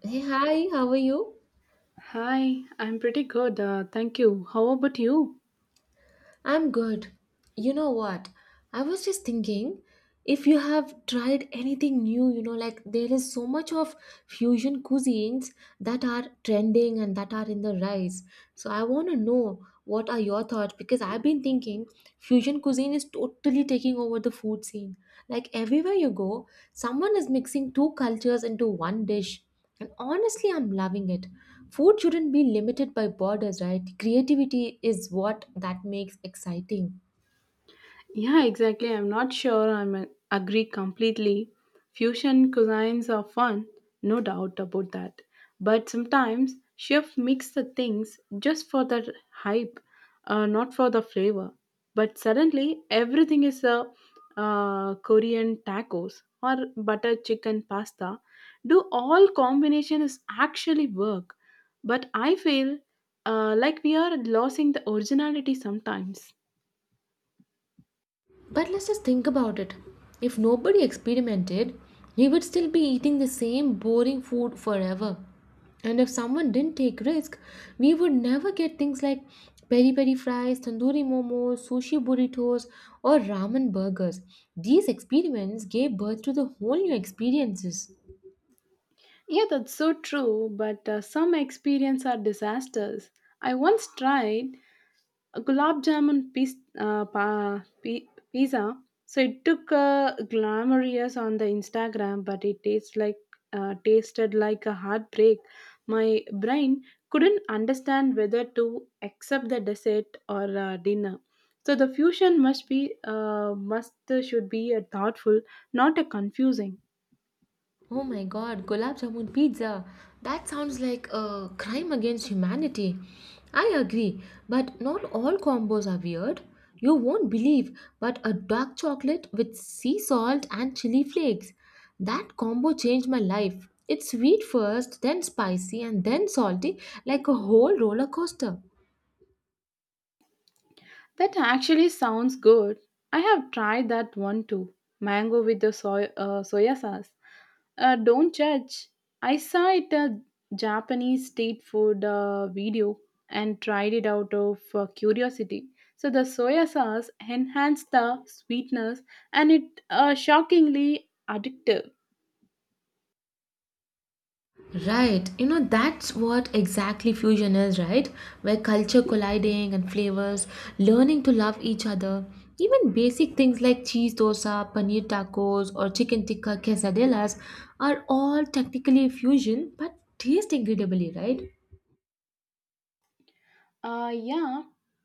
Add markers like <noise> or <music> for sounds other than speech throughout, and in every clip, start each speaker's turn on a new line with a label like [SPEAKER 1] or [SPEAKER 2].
[SPEAKER 1] Hey, hi, how are you?
[SPEAKER 2] Hi, I'm pretty good. Thank you. How about you?
[SPEAKER 1] I'm good. You know what? I was just thinking if you have tried anything new, you know, like there is so much of fusion cuisines that are trending and that are in the rise. So I want to know what are your thoughts because I've been thinking fusion cuisine is totally taking over the food scene. Like everywhere you go, someone is mixing two cultures into one dish. And honestly, I'm loving it. Food shouldn't be limited by borders, right? Creativity is what that makes exciting.
[SPEAKER 2] Yeah, exactly. I'm not sure I agree completely. Fusion cuisines are fun, no doubt about that. But sometimes chefs mix the things just for the hype, not for the flavor. But suddenly everything is a Korean tacos or butter chicken pasta. Do all combinations actually work? But I feel like we are losing the originality sometimes.
[SPEAKER 1] But let's just think about it. If nobody experimented, we would still be eating the same boring food forever. And if someone didn't take risk, we would never get things like peri peri fries, tandoori momos, sushi burritos, or ramen burgers. These experiments gave birth to the whole new experiences.
[SPEAKER 2] Yeah, that's so true, but some experience are disasters. I once tried a gulab jamun piz- pa- pi- pizza, so it took glamorous on the Instagram, but it tastes like tasted like a heartbreak. My brain couldn't understand whether to accept the dessert or dinner. So the fusion must be must should be thoughtful, not a confusing.
[SPEAKER 1] Oh my god, gulab jamun pizza. That sounds like a crime against humanity. I agree, but not all combos are weird. You won't believe, but a dark chocolate with sea salt and chili flakes. That combo changed my life. It's sweet first, then spicy, and then salty, like a whole roller coaster.
[SPEAKER 2] That actually sounds good. I have tried that one too. Mango with the soya sauce. Don't judge. I saw it a Japanese street food video and tried it out of curiosity. So the soya sauce enhanced the sweetness and it shockingly addictive.
[SPEAKER 1] Right. You know, that's what exactly fusion is, right? Where culture colliding and flavors, learning to love each other. Even basic things like cheese dosa, paneer tacos, or chicken tikka quesadillas are all technically fusion but taste incredibly, right?
[SPEAKER 2] Yeah,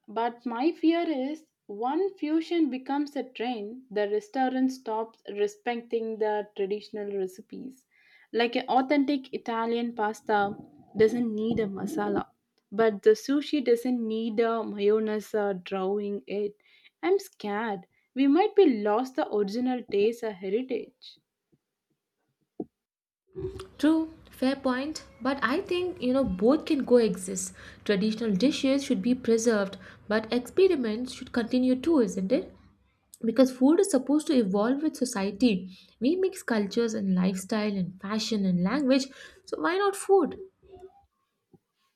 [SPEAKER 2] but my fear is one fusion becomes a trend, the restaurant stops respecting the traditional recipes. Like an authentic Italian pasta doesn't need a masala, but the sushi doesn't need a mayonnaise drawing it. I'm scared. We might be lost the original taste or heritage.
[SPEAKER 1] True, fair point. But I think, you know, both can coexist. Traditional dishes should be preserved, but experiments should continue too, isn't it? Because food is supposed to evolve with society, we mix cultures and lifestyle and fashion and language, so why not food?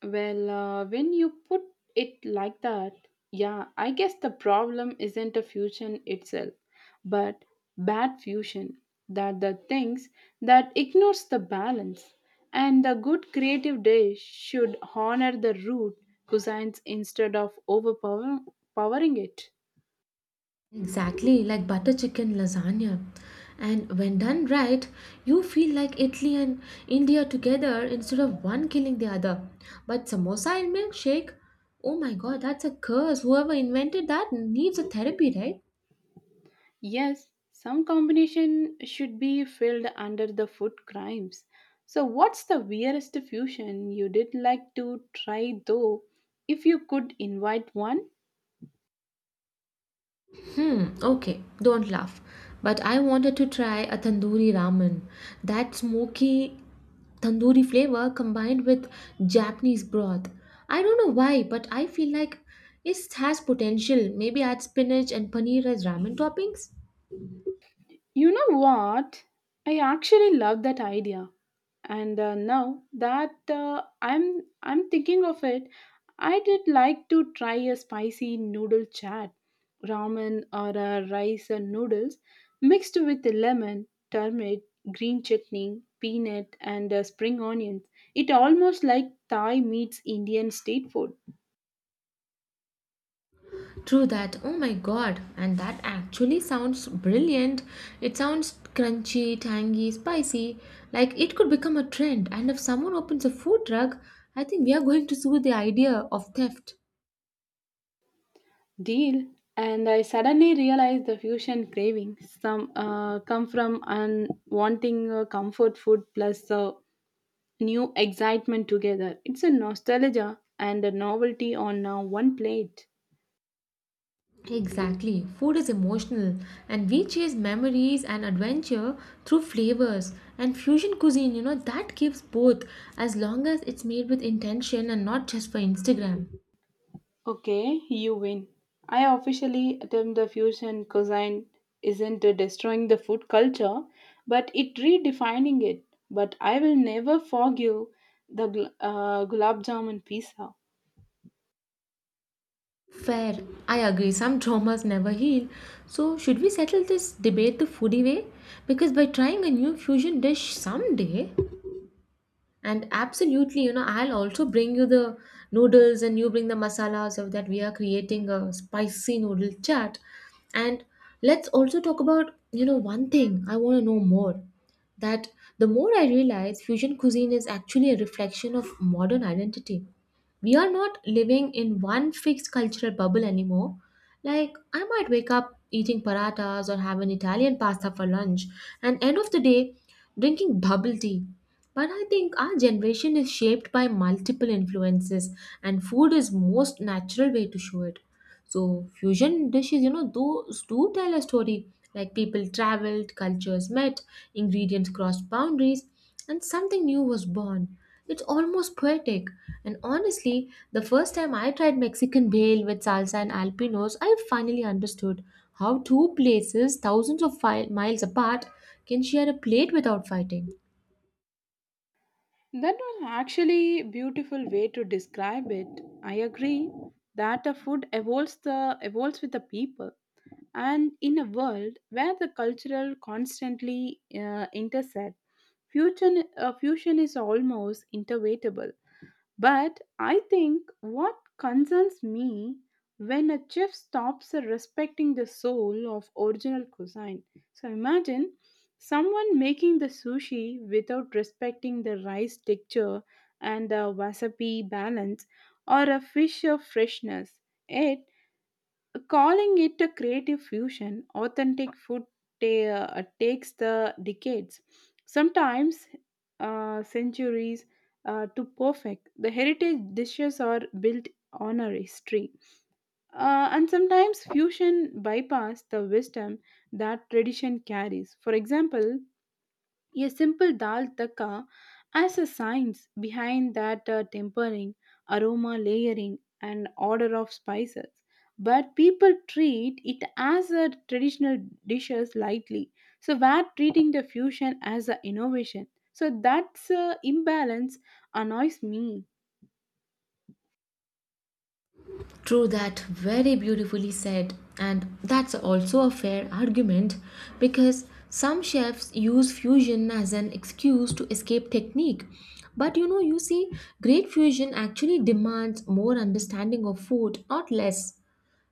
[SPEAKER 2] Well, when you put it like that, yeah, I guess the problem isn't a fusion itself, but bad fusion that the things that ignores the balance. And the good creative dish should honor the root cuisines instead of overpowering it.
[SPEAKER 1] Exactly, like butter chicken lasagna. And when done right, you feel like Italy and India together instead of one killing the other. But samosa and milkshake, oh my god, that's a curse. Whoever invented that needs a therapy, right?
[SPEAKER 2] Yes, some combination should be filled under the food crimes. So, what's the weirdest fusion you did like to try though, if you could invite one?
[SPEAKER 1] Hmm, okay, don't laugh. But I wanted to try a tandoori ramen. That smoky tandoori flavor combined with Japanese broth. I don't know why, but I feel like it has potential. Maybe add spinach and paneer as ramen toppings?
[SPEAKER 2] You know what? I actually love that idea. And now that I'm thinking of it, I did like to try a spicy noodle chat, ramen or rice and noodles mixed with lemon, turmeric, green chutney, peanut and spring onions. It almost like Thai meets Indian state food.
[SPEAKER 1] True that. Oh my god. And that actually sounds brilliant. It sounds crunchy, tangy, spicy. Like it could become a trend. And if someone opens a food truck, I think we are going to sue the idea of theft.
[SPEAKER 2] Deal. And I suddenly realized the fusion craving some come from wanting comfort food plus new excitement together. It's a nostalgia and a novelty on one plate.
[SPEAKER 1] Exactly. Food is emotional, and we chase memories and adventure through flavors. And fusion cuisine, you know, that gives both as long as it's made with intention and not just for Instagram.
[SPEAKER 2] Okay, you win. I officially term the fusion cuisine isn't destroying the food culture, but it redefining it. But I will never forgive the gulab jamun pizza.
[SPEAKER 1] Fair. I agree. Some traumas never heal. So, should we settle this debate the foodie way? Because by trying a new fusion dish someday, and absolutely, you know, I'll also bring you the noodles and you bring the masala so that we are creating a spicy noodle chat. And let's also talk about, you know, one thing I want to know more, that the more I realize fusion cuisine is actually a reflection of modern identity. We are not living in one fixed cultural bubble anymore. Like, I might wake up eating paratas or have an Italian pasta for lunch, and end of the day, drinking bubble tea, but I think our generation is shaped by multiple influences, and food is most natural way to show it. So fusion dishes, you know, those do tell a story. Like people traveled, cultures met, ingredients crossed boundaries, and something new was born. It's almost poetic. And honestly, the first time I tried Mexican bale with salsa and alpinos, I finally understood how two places thousands of miles apart can share a plate without fighting.
[SPEAKER 2] That was actually a beautiful way to describe it. I agree that a food evolves the evolves with the people, and in a world where the cultural constantly intersect, fusion is almost inevitable. But I think what concerns me when a chef stops respecting the soul of original cuisine. So imagine someone making the sushi without respecting the rice texture and the wasabi balance or a fish of freshness. Yet calling it a creative fusion, authentic food ta- takes the decades, sometimes centuries, to perfect. The heritage dishes are built on a history, and sometimes fusion bypass the wisdom that tradition carries. For example, a simple dal taka has a science behind that tempering, aroma layering, and order of spices. But people treat it as a traditional dishes lightly. So we're treating the fusion as an innovation. So that's imbalance annoys me.
[SPEAKER 1] True that, very beautifully said. And that's also a fair argument because some chefs use fusion as an excuse to escape technique. But you know, you see, great fusion actually demands more understanding of food, not less.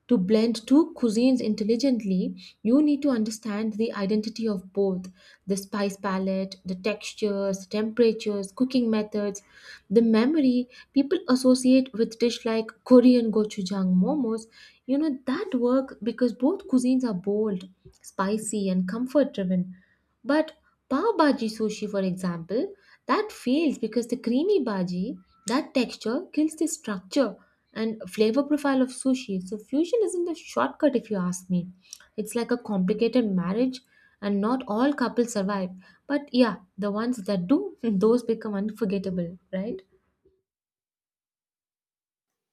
[SPEAKER 1] To blend two cuisines intelligently, you need to understand the identity of both, the spice palette, the textures, temperatures, cooking methods, the memory people associate with dish like Korean gochujang momos. You know that work because both cuisines are bold, spicy and comfort driven. But pav bhaji sushi, for example, that fails because the creamy bhaji, that texture kills the structure and flavor profile of sushi. So fusion isn't a shortcut if you ask me. It's like a complicated marriage, and not all couples survive. But yeah, the ones that do, <laughs> those become unforgettable, right?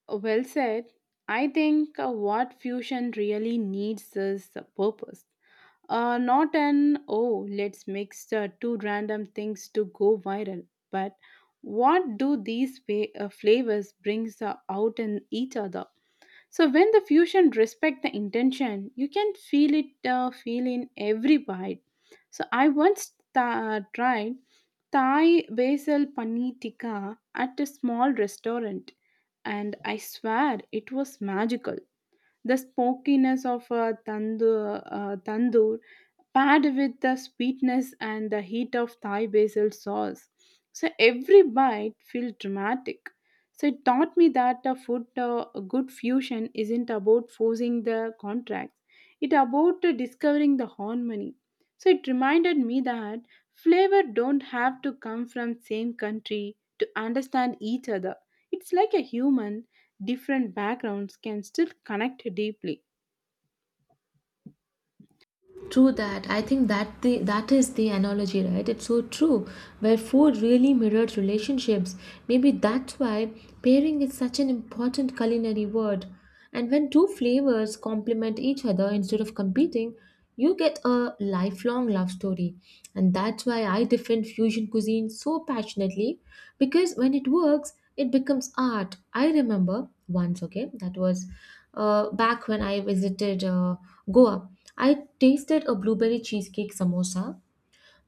[SPEAKER 2] Well said. I think what fusion really needs is a purpose. Not an oh, let's mix two random things to go viral, but what do these flavors brings out in each other? So when the fusion respect the intention, you can feel it feel in every bite. So I once tried Thai basil paneer tikka at a small restaurant, and I swear it was magical. The smokiness of a tandoor paired with the sweetness and the heat of Thai basil sauce. So every bite felt dramatic. So it taught me that the good fusion isn't about forcing the contracts. It about discovering the harmony. So it reminded me that flavor don't have to come from same country to understand each other. It's like a human, different backgrounds can still connect deeply.
[SPEAKER 1] True that. I think that is the analogy, right? It's so true. Where food really mirrored relationships. Maybe that's why pairing is such an important culinary word. And when two flavors complement each other instead of competing, you get a lifelong love story. And that's why I defend fusion cuisine so passionately, because when it works, it becomes art. I remember once, okay, that was back when I visited Goa. I tasted a blueberry cheesecake samosa,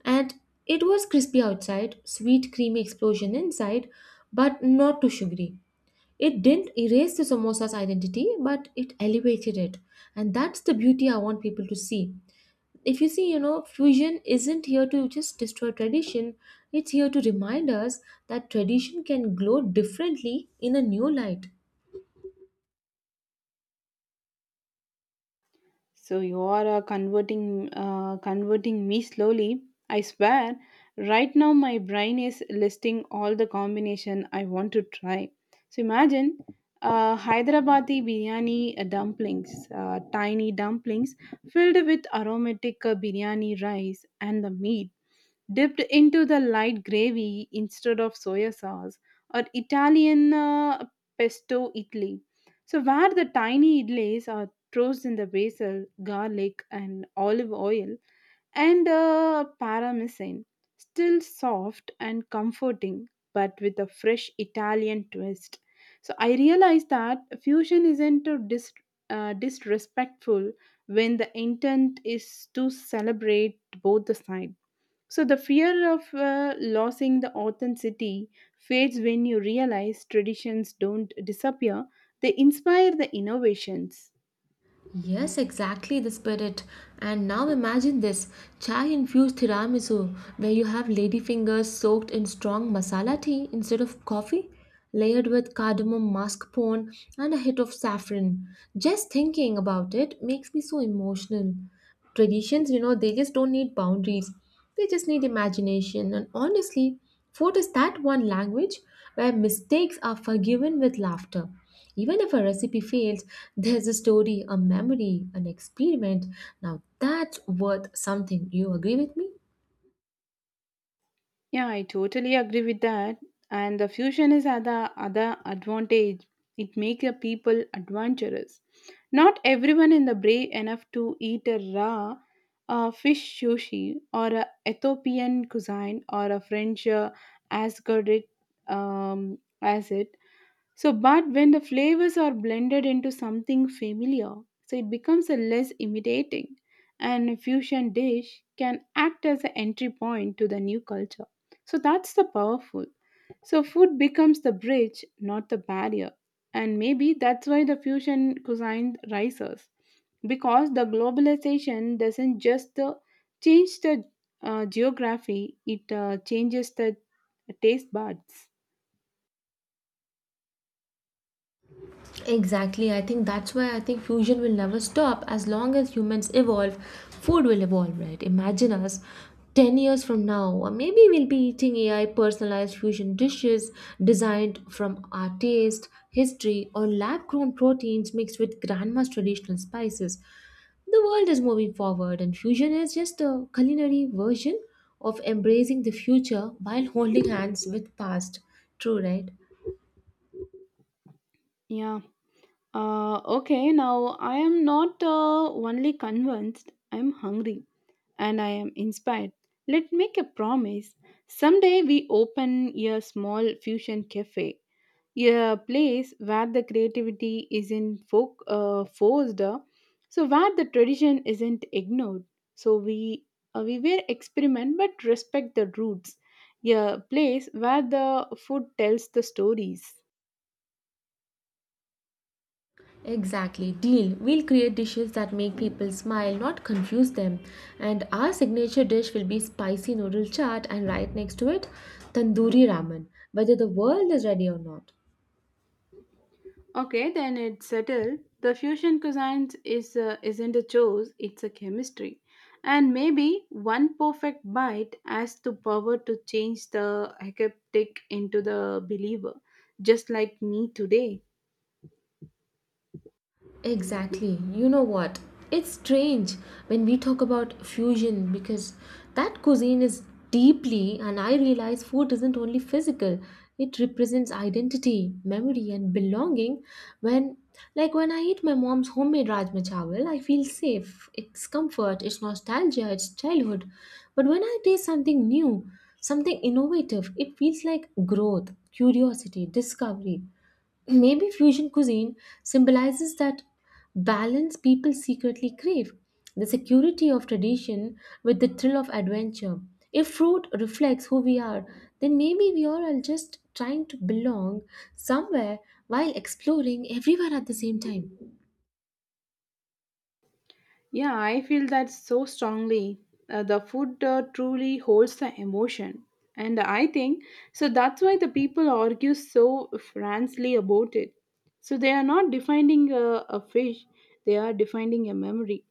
[SPEAKER 1] and it was crispy outside, sweet creamy explosion inside, but not too sugary. It didn't erase the samosa's identity, but it elevated it. And that's the beauty I want people to see. If you see, you know, fusion isn't here to just destroy tradition, it's here to remind us that tradition can glow differently in a new light.
[SPEAKER 2] So you are converting me slowly. I swear, right now my brain is listing all the combination I want to try. So imagine Hyderabadi biryani dumplings, tiny dumplings filled with aromatic biryani rice and the meat dipped into the light gravy instead of soy sauce, or Italian pesto idli. So, where the tiny idlis are tossed in the basil, garlic, and olive oil, and parmesan, still soft and comforting, but with a fresh Italian twist. So, I realized that fusion isn't a disrespectful when the intent is to celebrate both the sides. So the fear of losing the authenticity fades when you realize traditions don't disappear, they inspire the innovations.
[SPEAKER 1] Yes, exactly the spirit. And now imagine this chai infused tiramisu, where you have ladyfingers soaked in strong masala tea instead of coffee, layered with cardamom mascarpone and a hit of saffron. Just thinking about it makes me so emotional. Traditions, you know, they just don't need boundaries, they just need imagination. And honestly, food is that one language where mistakes are forgiven with laughter. Even if a recipe fails, there's a story, a memory, an experiment. Now that's worth something, you agree with me?
[SPEAKER 2] Yeah, I totally agree with that. And the fusion is other other advantage. It makes the people adventurous. Not everyone in the brave enough to eat a raw fish sushi or a Ethiopian cuisine or a French Asgard as it. So, but when the flavors are blended into something familiar, so it becomes a less imitating, and a fusion dish can act as an entry point to the new culture. So that's the powerful. So food becomes the bridge, not the barrier. And maybe that's why the fusion cuisine rises because the globalization doesn't just change the geography; it changes the taste buds.
[SPEAKER 1] Exactly. I think that's why I think fusion will never stop as long as humans evolve. Food will evolve, right? Imagine us 10 years from now, or maybe we'll be eating AI personalized fusion dishes designed from our taste, history, or lab grown proteins mixed with grandma's traditional spices. The world is moving forward, and fusion is just a culinary version of embracing the future while holding hands with past. True, right?
[SPEAKER 2] Yeah. Okay, now I am not only convinced, I am hungry and I am inspired. Let's make a promise. Someday we open a small fusion cafe, a place where the creativity isn't forced, so where the tradition isn't ignored. So we will experiment but respect the roots. A place where the food tells the stories.
[SPEAKER 1] Exactly, deal. We'll create dishes that make people smile, not confuse them. And our signature dish will be spicy noodle chaat, and right next to it, tandoori ramen, whether the world is ready or not.
[SPEAKER 2] Okay, then it's settled. The fusion cuisine is isn't a choice; it's a chemistry. And maybe one perfect bite has the power to change the hectic into the believer, just like me today.
[SPEAKER 1] Exactly. You know what? It's strange when we talk about fusion because that cuisine is deeply, and I realize food isn't only physical, it represents identity, memory, and belonging. When, like, when I eat my mom's homemade Rajma Chawal, I feel safe. It's comfort, it's nostalgia, it's childhood. But when I taste something new, something innovative, it feels like growth, curiosity, discovery. Maybe fusion cuisine symbolizes that balance people secretly crave, the security of tradition with the thrill of adventure. If fruit reflects who we are, then maybe we are all just trying to belong somewhere while exploring everywhere at the same time.
[SPEAKER 2] Yeah, I feel that so strongly. The food truly holds the emotion. And I think so that's why the people argue so frankly about it. So they are not defining a fish, they are defining a memory.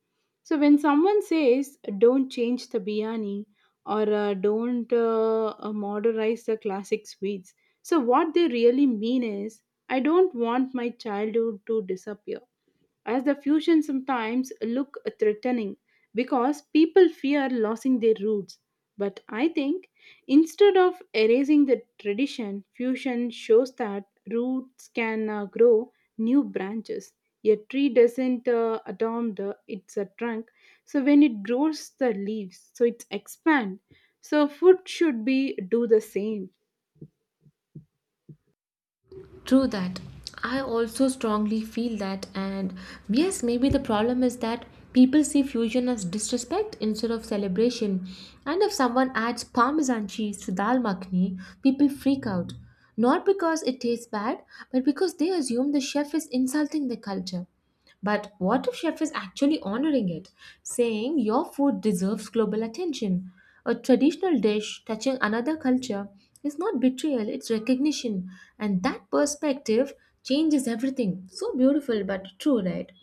[SPEAKER 2] So when someone says, don't change the biryani or don't modernize the classic sweets, so what they really mean is, I don't want my childhood to disappear as the fusion sometimes look threatening because people fear losing their roots. But I think instead of erasing the tradition, fusion shows that roots can grow new branches. A tree doesn't adopt its a trunk, so when it grows the leaves so it expand, so food should be do the same.
[SPEAKER 1] True that. I also strongly feel that, and yes, maybe the problem is that people see fusion as disrespect instead of celebration. And if someone adds parmesan cheese to dal makhni, people freak out. Not because it tastes bad, but because they assume the chef is insulting the culture. But what if chef is actually honoring it, saying your food deserves global attention? A traditional dish touching another culture is not betrayal, it's recognition. And that perspective changes everything. So beautiful but true, right?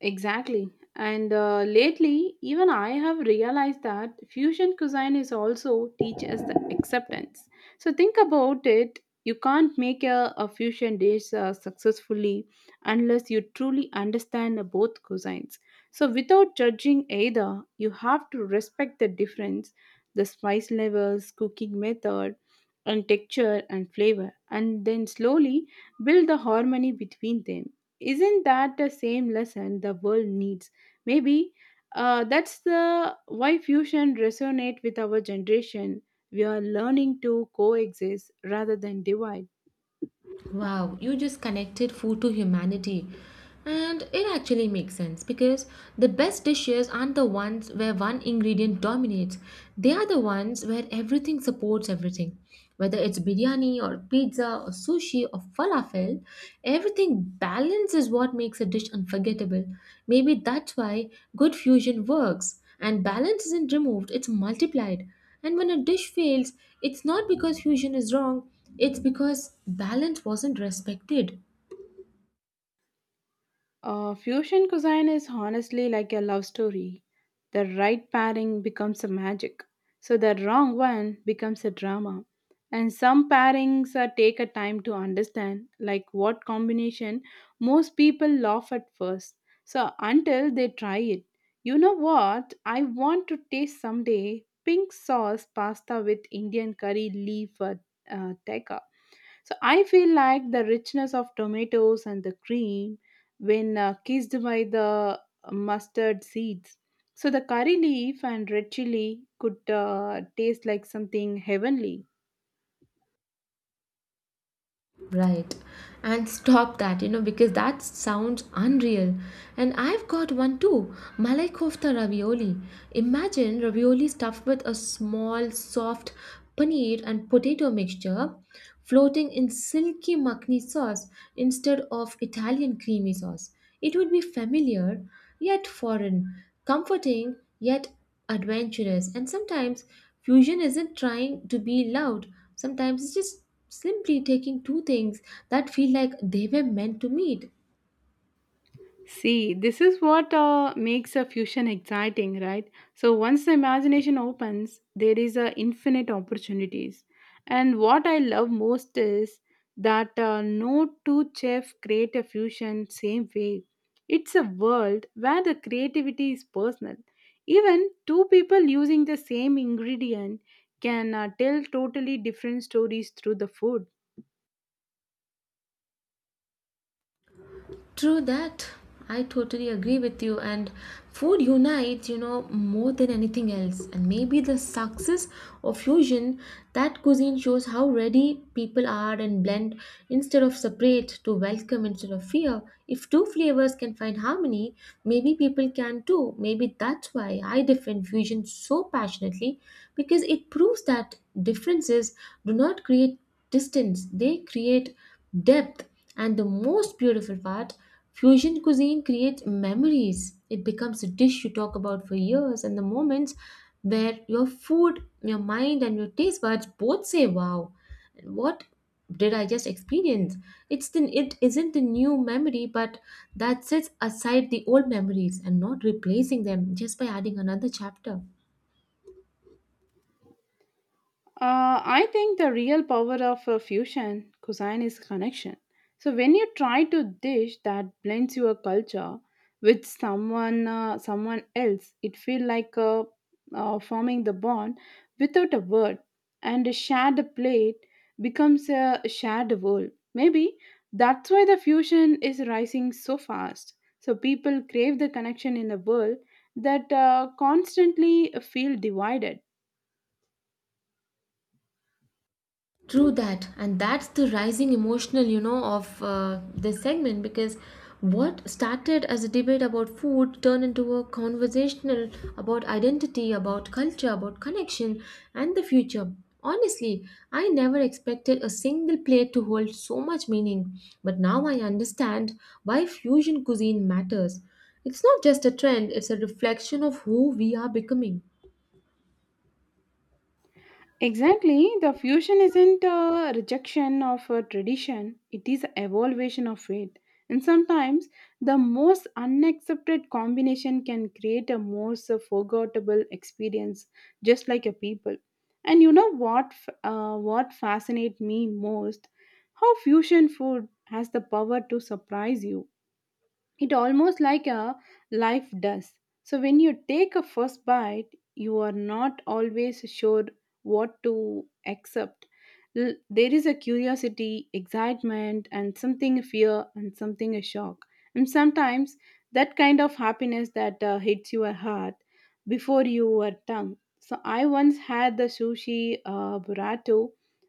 [SPEAKER 2] Exactly. And lately, even I have realized that fusion cuisine is also teach us the acceptance. So think about it. You can't make a fusion dish successfully unless you truly understand the both cuisines. So without judging either, you have to respect the difference, the spice levels, cooking method, and texture and flavor, and then slowly build the harmony between them. Isn't that the same lesson the world needs? Maybe that's the why fusion resonate with our generation. We are learning to coexist rather than divide.
[SPEAKER 1] Wow, you just connected food to humanity. And it actually makes sense because the best dishes aren't the ones where one ingredient dominates. They are the ones where everything supports everything. Whether it's biryani or pizza or sushi or falafel, everything balance is what makes a dish unforgettable. Maybe that's why good fusion works. And balance isn't removed, it's multiplied. And when a dish fails, it's not because fusion is wrong, it's because balance wasn't respected.
[SPEAKER 2] Fusion cuisine is honestly like a love story. The right pairing becomes a magic, so the wrong one becomes a drama. And some pairings take a time to understand, like what combination most people laugh at first. So until they try it, you know what? I want to taste someday pink sauce pasta with Indian curry leaf teca. So I feel like the richness of tomatoes and the cream when kissed by the mustard seeds. So the curry leaf and red chili could taste like something heavenly.
[SPEAKER 1] Right. And stop that, you know, because that sounds unreal. And I've got one too, Malai kofta ravioli. Imagine ravioli stuffed with a small, soft paneer and potato mixture floating in silky makhni sauce instead of Italian creamy sauce. It would be familiar yet foreign, comforting yet adventurous. And sometimes fusion isn't trying to be loud, sometimes it's just simply taking two things that feel like they were meant to meet.
[SPEAKER 2] See, this is what makes a fusion exciting, right? So once the imagination opens, there is a infinite opportunities. And what I love most is that no two chefs create a fusion same way. It's a world where the creativity is personal. Even two people using the same ingredient can tell totally different stories through the food.
[SPEAKER 1] True that. I totally agree with you. And food unites, you know, more than anything else. And maybe the success of fusion, that cuisine shows how ready people are and blend instead of separate, to welcome instead of fear. If two flavors can find harmony, maybe people can too. Maybe that's why I defend fusion so passionately because it proves that differences do not create distance, they create depth. And the most beautiful part, fusion cuisine creates memories. It becomes a dish you talk about for years, and the moments where your food, your mind, and your taste buds both say, "Wow, what did I just experience?" It isn't the new memory, but that sets aside the old memories and not replacing them just by adding another chapter.
[SPEAKER 2] I think the real power of a fusion cuisine is connection. So when you try to dish that blends your culture with someone else, it feel like forming the bond without a word, and a shared plate becomes a shared world. Maybe that's why the fusion is rising so fast. So people crave the connection in a world that constantly feel divided.
[SPEAKER 1] True that, and that's the rising emotional, you know, of this segment because what started as a debate about food turned into a conversational about identity, about culture, about connection, and the future. Honestly, I never expected a single plate to hold so much meaning, but now I understand why fusion cuisine matters. It's not just a trend, it's a reflection of who we are becoming.
[SPEAKER 2] Exactly, the fusion isn't a rejection of a tradition, it is an evaluation of it. And sometimes the most unaccepted combination can create a most forgettable experience, just like a people. And you know what, what fascinates me most? How fusion food has the power to surprise you, it almost like a life does. So when you take a first bite, you are not always sure what to accept. There is a curiosity, excitement, and something fear, and something a shock. And sometimes that kind of happiness that hits your heart before your tongue. So I once had the sushi burrito,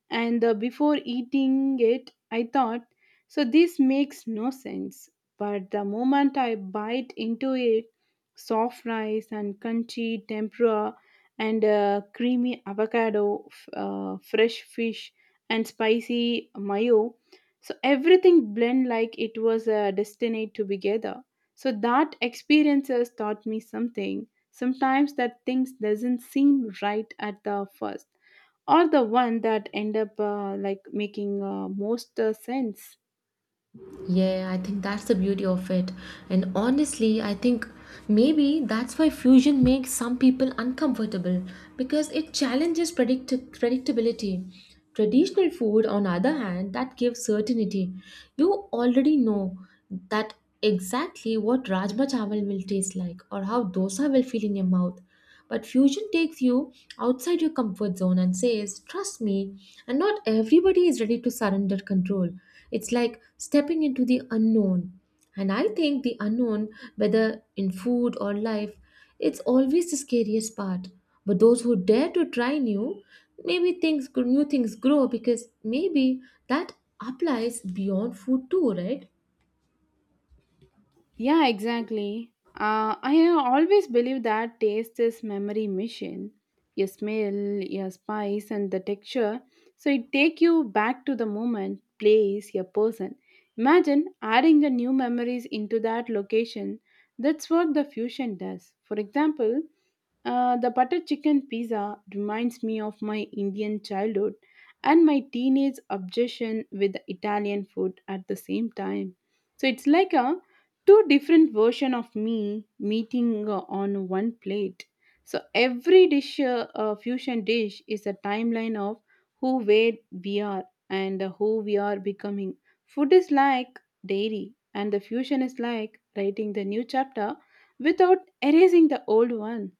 [SPEAKER 2] and before eating it I thought, so this makes no sense. But the moment I bite into it, soft rice and crunchy tempura and creamy avocado, fresh fish, and spicy mayo. So everything blend like it was destined to be together. So that experiences taught me something. Sometimes that things doesn't seem right at the first, or the one that end up like making most sense.
[SPEAKER 1] Yeah, I think that's the beauty of it. And honestly, I think maybe that's why fusion makes some people uncomfortable because it challenges predictability. Traditional food, on the other hand, that gives certainty. You already know that exactly what rajma chawal will taste like or how dosa will feel in your mouth. But fusion takes you outside your comfort zone and says, "Trust me." And not everybody is ready to surrender control. It's like stepping into the unknown. And I think the unknown, whether in food or life, it's always the scariest part. But those who dare to try new, maybe things new things grow because maybe that applies beyond food too, right?
[SPEAKER 2] Yeah, exactly. I always believe that taste is memory machine. Your smell, your spice, and the texture. So it take you back to the moment, place, your person. Imagine adding the new memories into that location. That's what the fusion does. For example, the butter chicken pizza reminds me of my Indian childhood and my teenage obsession with the Italian food at the same time. So it's like a two different version of me meeting on one plate. So every dish, fusion dish, is a timeline of who where we are and who we are becoming. Food is like dairy, and the fusion is like writing the new chapter without erasing the old one.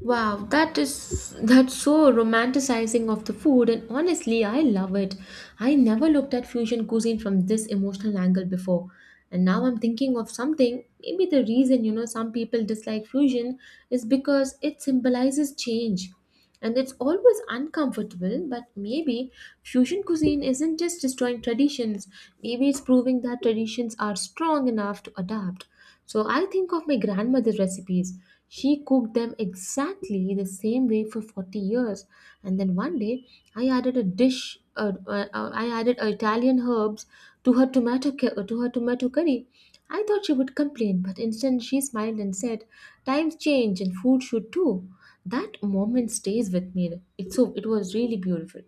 [SPEAKER 1] Wow, that's so romanticizing of the food, and honestly, I love it. I never looked at fusion cuisine from this emotional angle before, and now I'm thinking of something. Maybe the reason you know some people dislike fusion is because it symbolizes change. And it's always uncomfortable, but maybe fusion cuisine isn't just destroying traditions, maybe it's proving that traditions are strong enough to adapt. So I think of my grandmother's recipes. She cooked them exactly the same way for 40 years. And then one day, I added a I added Italian herbs to her to her tomato curry. I thought she would complain, but instead she smiled and said, "Times change and food should too." That moment stays with me. It was really beautiful.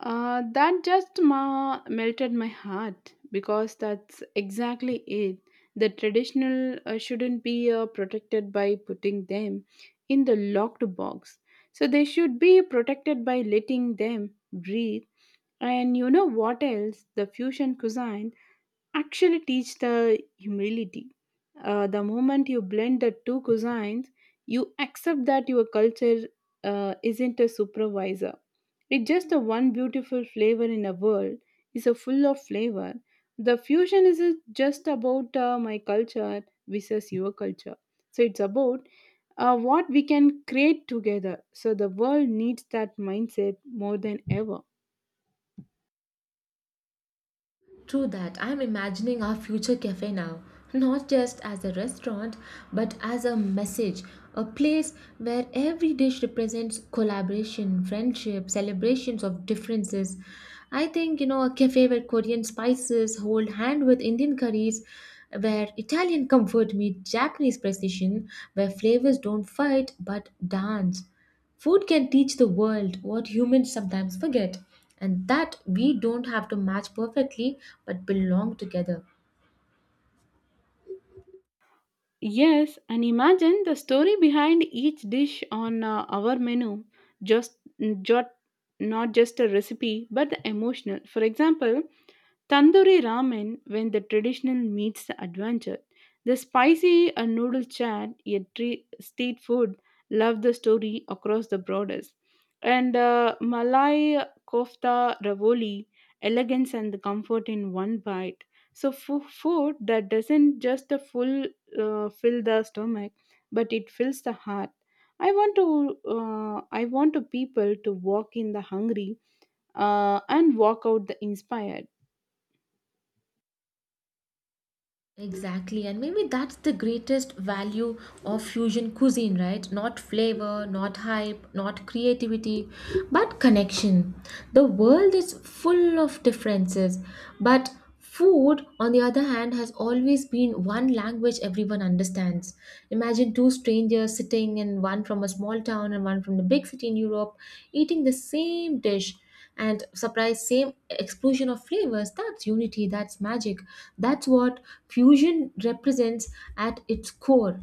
[SPEAKER 2] That just melted my heart because that's exactly it. The traditional shouldn't be protected by putting them in the locked box. So they should be protected by letting them breathe. And you know what else? The fusion cuisine actually teach the humility. The moment you blend the two cuisines, you accept that your culture isn't a supervisor, it's just the one beautiful flavor in a world is a full of flavor. The fusion isn't just about my culture versus your culture. So it's about what we can create together. So the world needs that mindset more than ever.
[SPEAKER 1] True that. I'm imagining our future cafe now, not just as a restaurant, but as a message, a place where every dish represents collaboration, friendship, celebrations of differences. I think, you know, a cafe where Korean spices hold hand with Indian curries, where Italian comfort meets Japanese precision, where flavors don't fight but dance. Food can teach the world what humans sometimes forget, and that we don't have to match perfectly but belong together.
[SPEAKER 2] Yes, and imagine the story behind each dish on our menu. Just, just not just a recipe, but the emotional. For example, Tandoori ramen, when the traditional meets the adventure. The spicy and noodle chat, a street food, love the story across the borders. And Malay kofta ravoli, elegance and the comfort in one bite. So food that doesn't just full fill the stomach, but it fills the heart. I want to people to walk in the hungry and walk out the inspired.
[SPEAKER 1] Exactly, and maybe that's the greatest value of fusion cuisine, right? Not flavor, not hype, not creativity, but connection. The world is full of differences, but food, on the other hand, has always been one language everyone understands. Imagine two strangers sitting, and one from a small town and one from the big city in Europe, eating the same dish and surprise same explosion of flavors. That's unity, that's magic, that's what fusion represents at its core.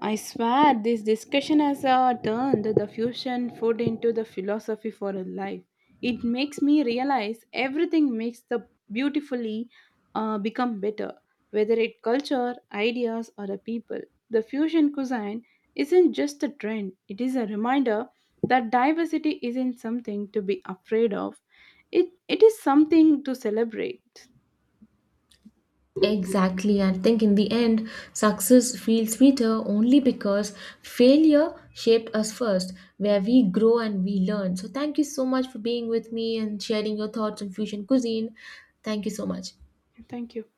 [SPEAKER 2] I swear this discussion has turned the fusion food into the philosophy for a life. It makes me realize everything makes the beautifully become better, whether it culture, ideas, or the people. The fusion cuisine isn't just a trend; it is a reminder that diversity isn't something to be afraid of. It is something to celebrate.
[SPEAKER 1] Exactly. I think in the end, success feels sweeter only because failure shaped us first, where we grow and we learn. So thank you so much for being with me and sharing your thoughts on fusion cuisine. Thank you so much.
[SPEAKER 2] Thank you.